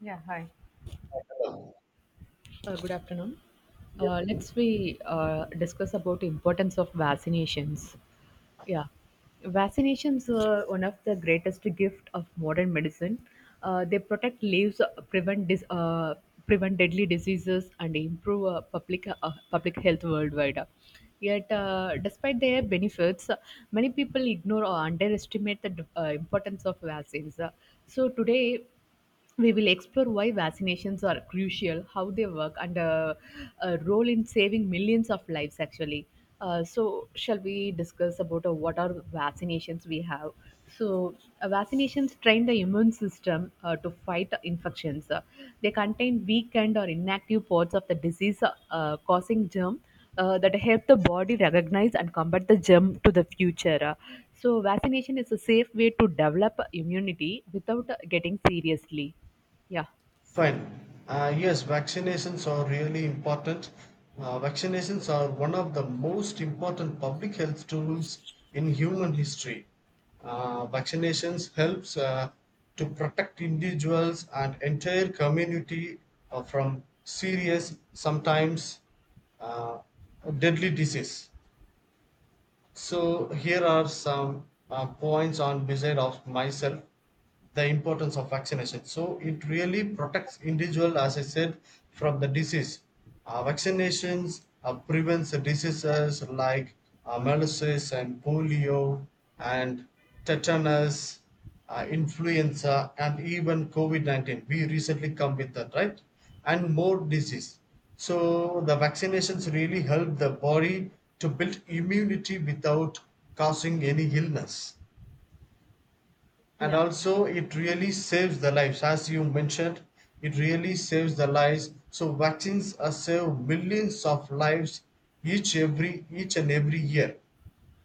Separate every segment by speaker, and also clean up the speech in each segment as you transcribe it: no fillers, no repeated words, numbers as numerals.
Speaker 1: Yeah, hi. Good afternoon. Let's we discuss about importance of vaccinations. Yeah, vaccinations are one of the greatest gift of modern medicine. They protect lives, prevent prevent deadly diseases, and improve public public health worldwide. Yet, despite their benefits, many people ignore or underestimate the importance of vaccines. So today, we will explore why vaccinations are crucial, how they work, and a role in saving millions of lives. Actually, so shall we discuss about what are vaccinations we have? So, Vaccinations train the immune system to fight infections. They contain weakened or inactive parts of the disease causing germ that help the body recognize and combat the germ to the future. Vaccination is a safe way to develop immunity without getting seriously. Yeah.
Speaker 2: Fine. Yes, vaccinations are really important. Vaccinations are one of the most important public health tools in human history. Vaccinations helps to protect individuals and entire community from serious, sometimes uh, deadly disease. So here are some points on beside of myself, the importance of vaccination. So it really protects individual, as I said, from the disease. Vaccinations prevents diseases like malaria and polio and tetanus, influenza, and even COVID-19. We recently come with that, right? And more disease. So the vaccinations really help the body to build immunity without causing any illness, and
Speaker 1: Yeah,
Speaker 2: also it really saves the lives. As you mentioned, it really saves the lives. So vaccines are save millions of lives each and every year.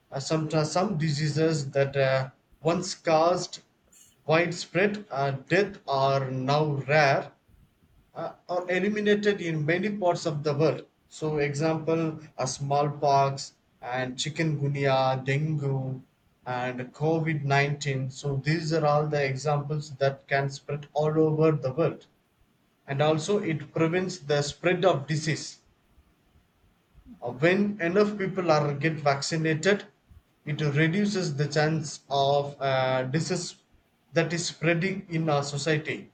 Speaker 2: Sometimes some diseases that once caused widespread death are now rare, are eliminated in many parts of the world. So, example, smallpox and chikungunya, dengue, and COVID 19. So, these are all the examples that can spread all over the world. And also, it prevents the spread of disease. When enough people are get vaccinated, it reduces the chance of disease that is spreading in our society,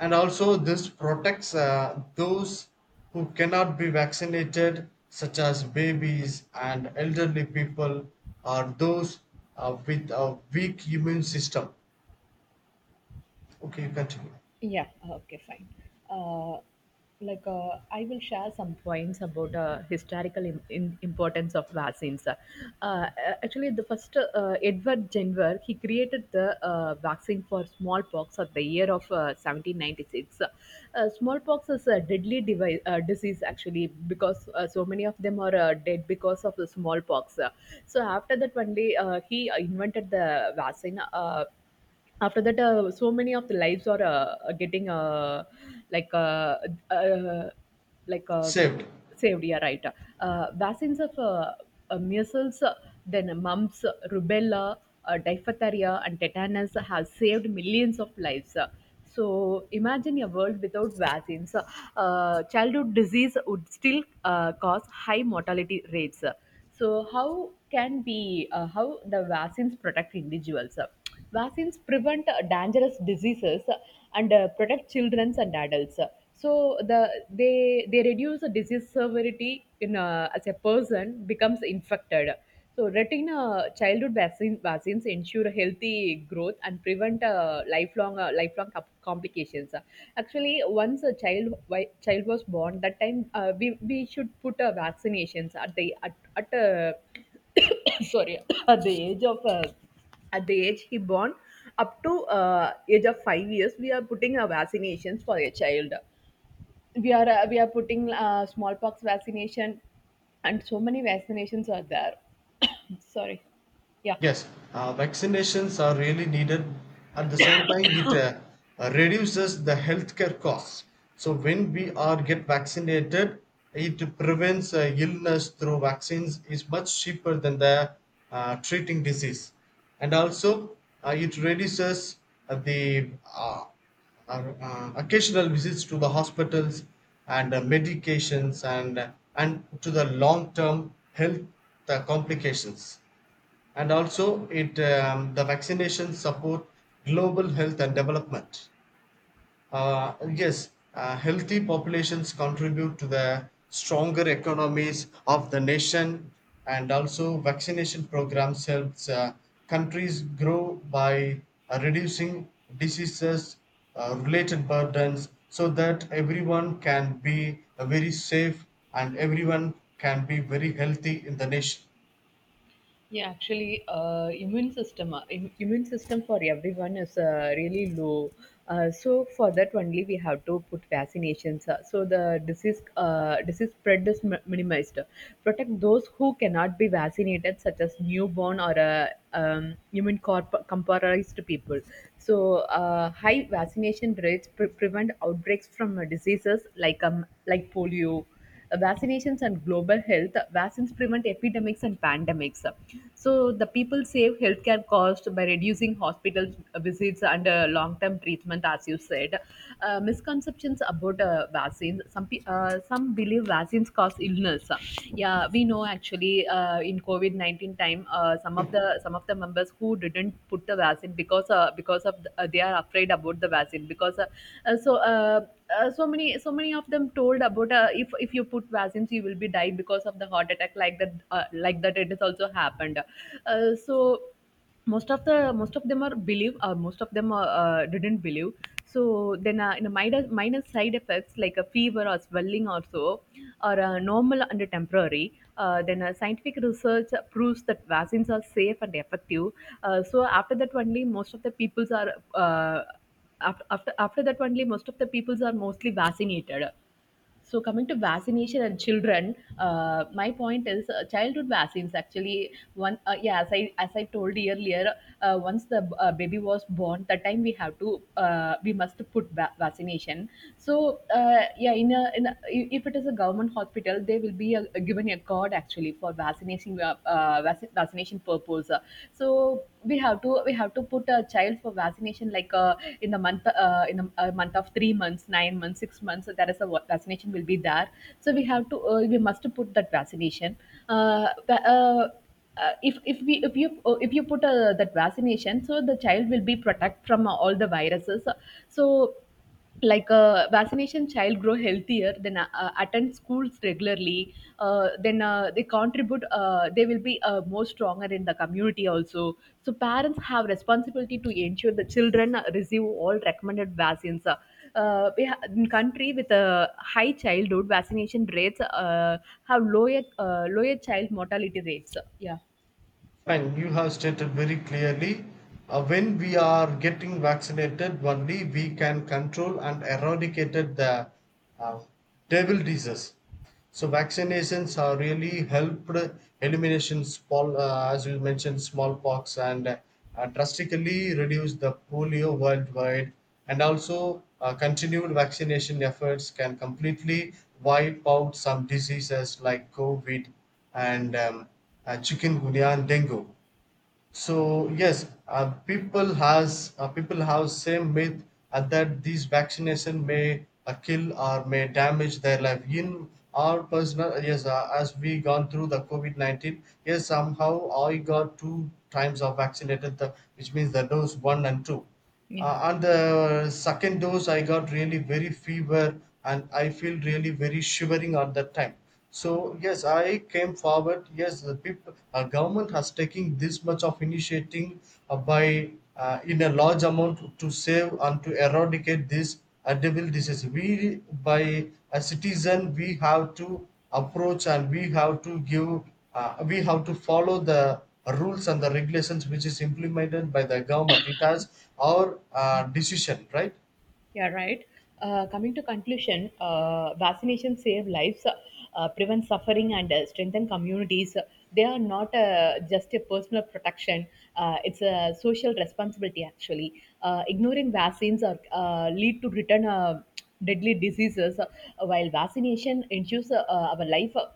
Speaker 2: and also this protects those who cannot be vaccinated, such as babies and elderly people, or those with a weak immune system. Okay, you continue.
Speaker 1: yeah, okay, fine. Uh, I will share some points about historical importance of vaccines. Uh, Actually, the first Edward Jenner he created the vaccine for smallpox at the year of 1796. Smallpox is a deadly disease actually because so many of them are dead because of the smallpox. So after that, only he invented the vaccine. After that so many of the lives are getting like uh, uh, like uh,
Speaker 2: Saved.
Speaker 1: saved, yeah, right. Vaccines of measles, then mumps, rubella, diphtheria and tetanus have saved millions of lives. So imagine a world without vaccines. Childhood disease would still cause high mortality rates. So how can be how the vaccines protect individuals? Vaccines prevent dangerous diseases and protect children and adults. So they reduce the disease severity in as a person becomes infected. So, retina childhood vaccines ensure healthy growth and prevent lifelong complications. Actually, once a child was born, that time we should put vaccinations at the at sorry, at the age of at the age he born up to age of 5 years. We are putting vaccinations for a child. We are putting smallpox vaccination and so many vaccinations are there. Sorry. Yeah.
Speaker 2: Yes, vaccinations are really needed. At the same time, it reduces the healthcare costs. So when we are get vaccinated, it prevents illness through vaccines is much cheaper than the treating disease, and also it reduces the occasional visits to the hospitals and medications, and to the long term health complications. And also it the vaccinations support global health and development. Yes, healthy populations contribute to the stronger economies of the nation, and also vaccination programs helps countries grow by reducing diseases related burdens, so that everyone can be very safe and everyone can be very healthy in the nation.
Speaker 1: Yeah, actually immune system immune system for everyone is really low. So for that only we have to put vaccinations, so the disease spread is minimized, protect those who cannot be vaccinated such as newborn or immune compromised people. So high vaccination rates prevent outbreaks from diseases like polio. Vaccinations and global health, vaccines prevent epidemics and pandemics. So the people save healthcare costs by reducing hospital visits and long-term treatment, as you said. Misconceptions about vaccines. Some believe vaccines cause illness. Yeah, we know actually in COVID 19 time, some of the members who didn't put the vaccine because of the, they are afraid about the vaccine because so. So many of them told about if you put vaccines you will be die because of the heart attack like that it has also happened. So most of the most of them are believe most of them are, didn't believe. So then in a minor, minor side effects like a fever or swelling or so are normal and temporary, then scientific research proves that vaccines are safe and effective. So after that only, most of the peoples are after, after after that only, most of the peoples are mostly vaccinated. So coming to vaccination and children, my point is childhood vaccines actually one yeah, as I told you earlier, once the baby was born, that time we have to we must put vaccination. So yeah, in a if it is a government hospital, they will be a, given a card actually for vaccination vaccination purpose. So we have to put a child for vaccination like in the a month of 3 months, 9 months, 6 months, so there is a vaccination will be there. So we have to we must put that vaccination. Uh, the- if we if you If you put that vaccination, so the child will be protect from all the viruses. So like a vaccination, child grow healthier, then attend schools regularly, then they contribute, they will be more stronger in the community also. So parents have responsibility to ensure the children receive all recommended vaccines. In country with a high childhood vaccination rates have lower lower child mortality rates. Yeah.
Speaker 2: Fine, you have stated very clearly. Uh, when we are getting vaccinated, only we can control and eradicate the uh, devil disease. So vaccinations are really helped elimination small, as you mentioned, smallpox and drastically reduce the polio worldwide, and also, continued vaccination efforts can completely wipe out some diseases like COVID and chikungunya and dengue. So yes, people have same myth that these vaccination may kill or may damage their life. In our personal, yes, as we gone through the COVID 19, yes somehow I got two times of vaccinated, the, which means the dose one and two.
Speaker 1: Yeah.
Speaker 2: And the second dose, I got really very fever and I feel really very shivering at that time. So yes, I came forward. Yes, the people, government has taken this much of initiating by in a large amount to save and to eradicate this devil disease. We by a citizen, we have to approach and we have to give, we have to follow the rules and the regulations which is implemented by the government. It has our decision, right?
Speaker 1: Yeah, right. Coming to conclusion, vaccination save lives, prevent suffering, and strengthen communities. They are not just a personal protection; it's a social responsibility. Actually, ignoring vaccines are, lead to return deadly diseases, while vaccination ensures our life,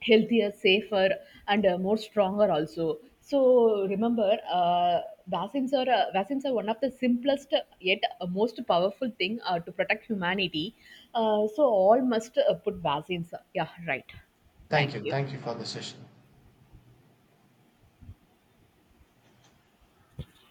Speaker 1: healthier, safer, and more stronger also. So remember, vaccines are one of the simplest yet most powerful thing to protect humanity. So all must put vaccines. Yeah, right. Thank you.
Speaker 2: Thank you for the session.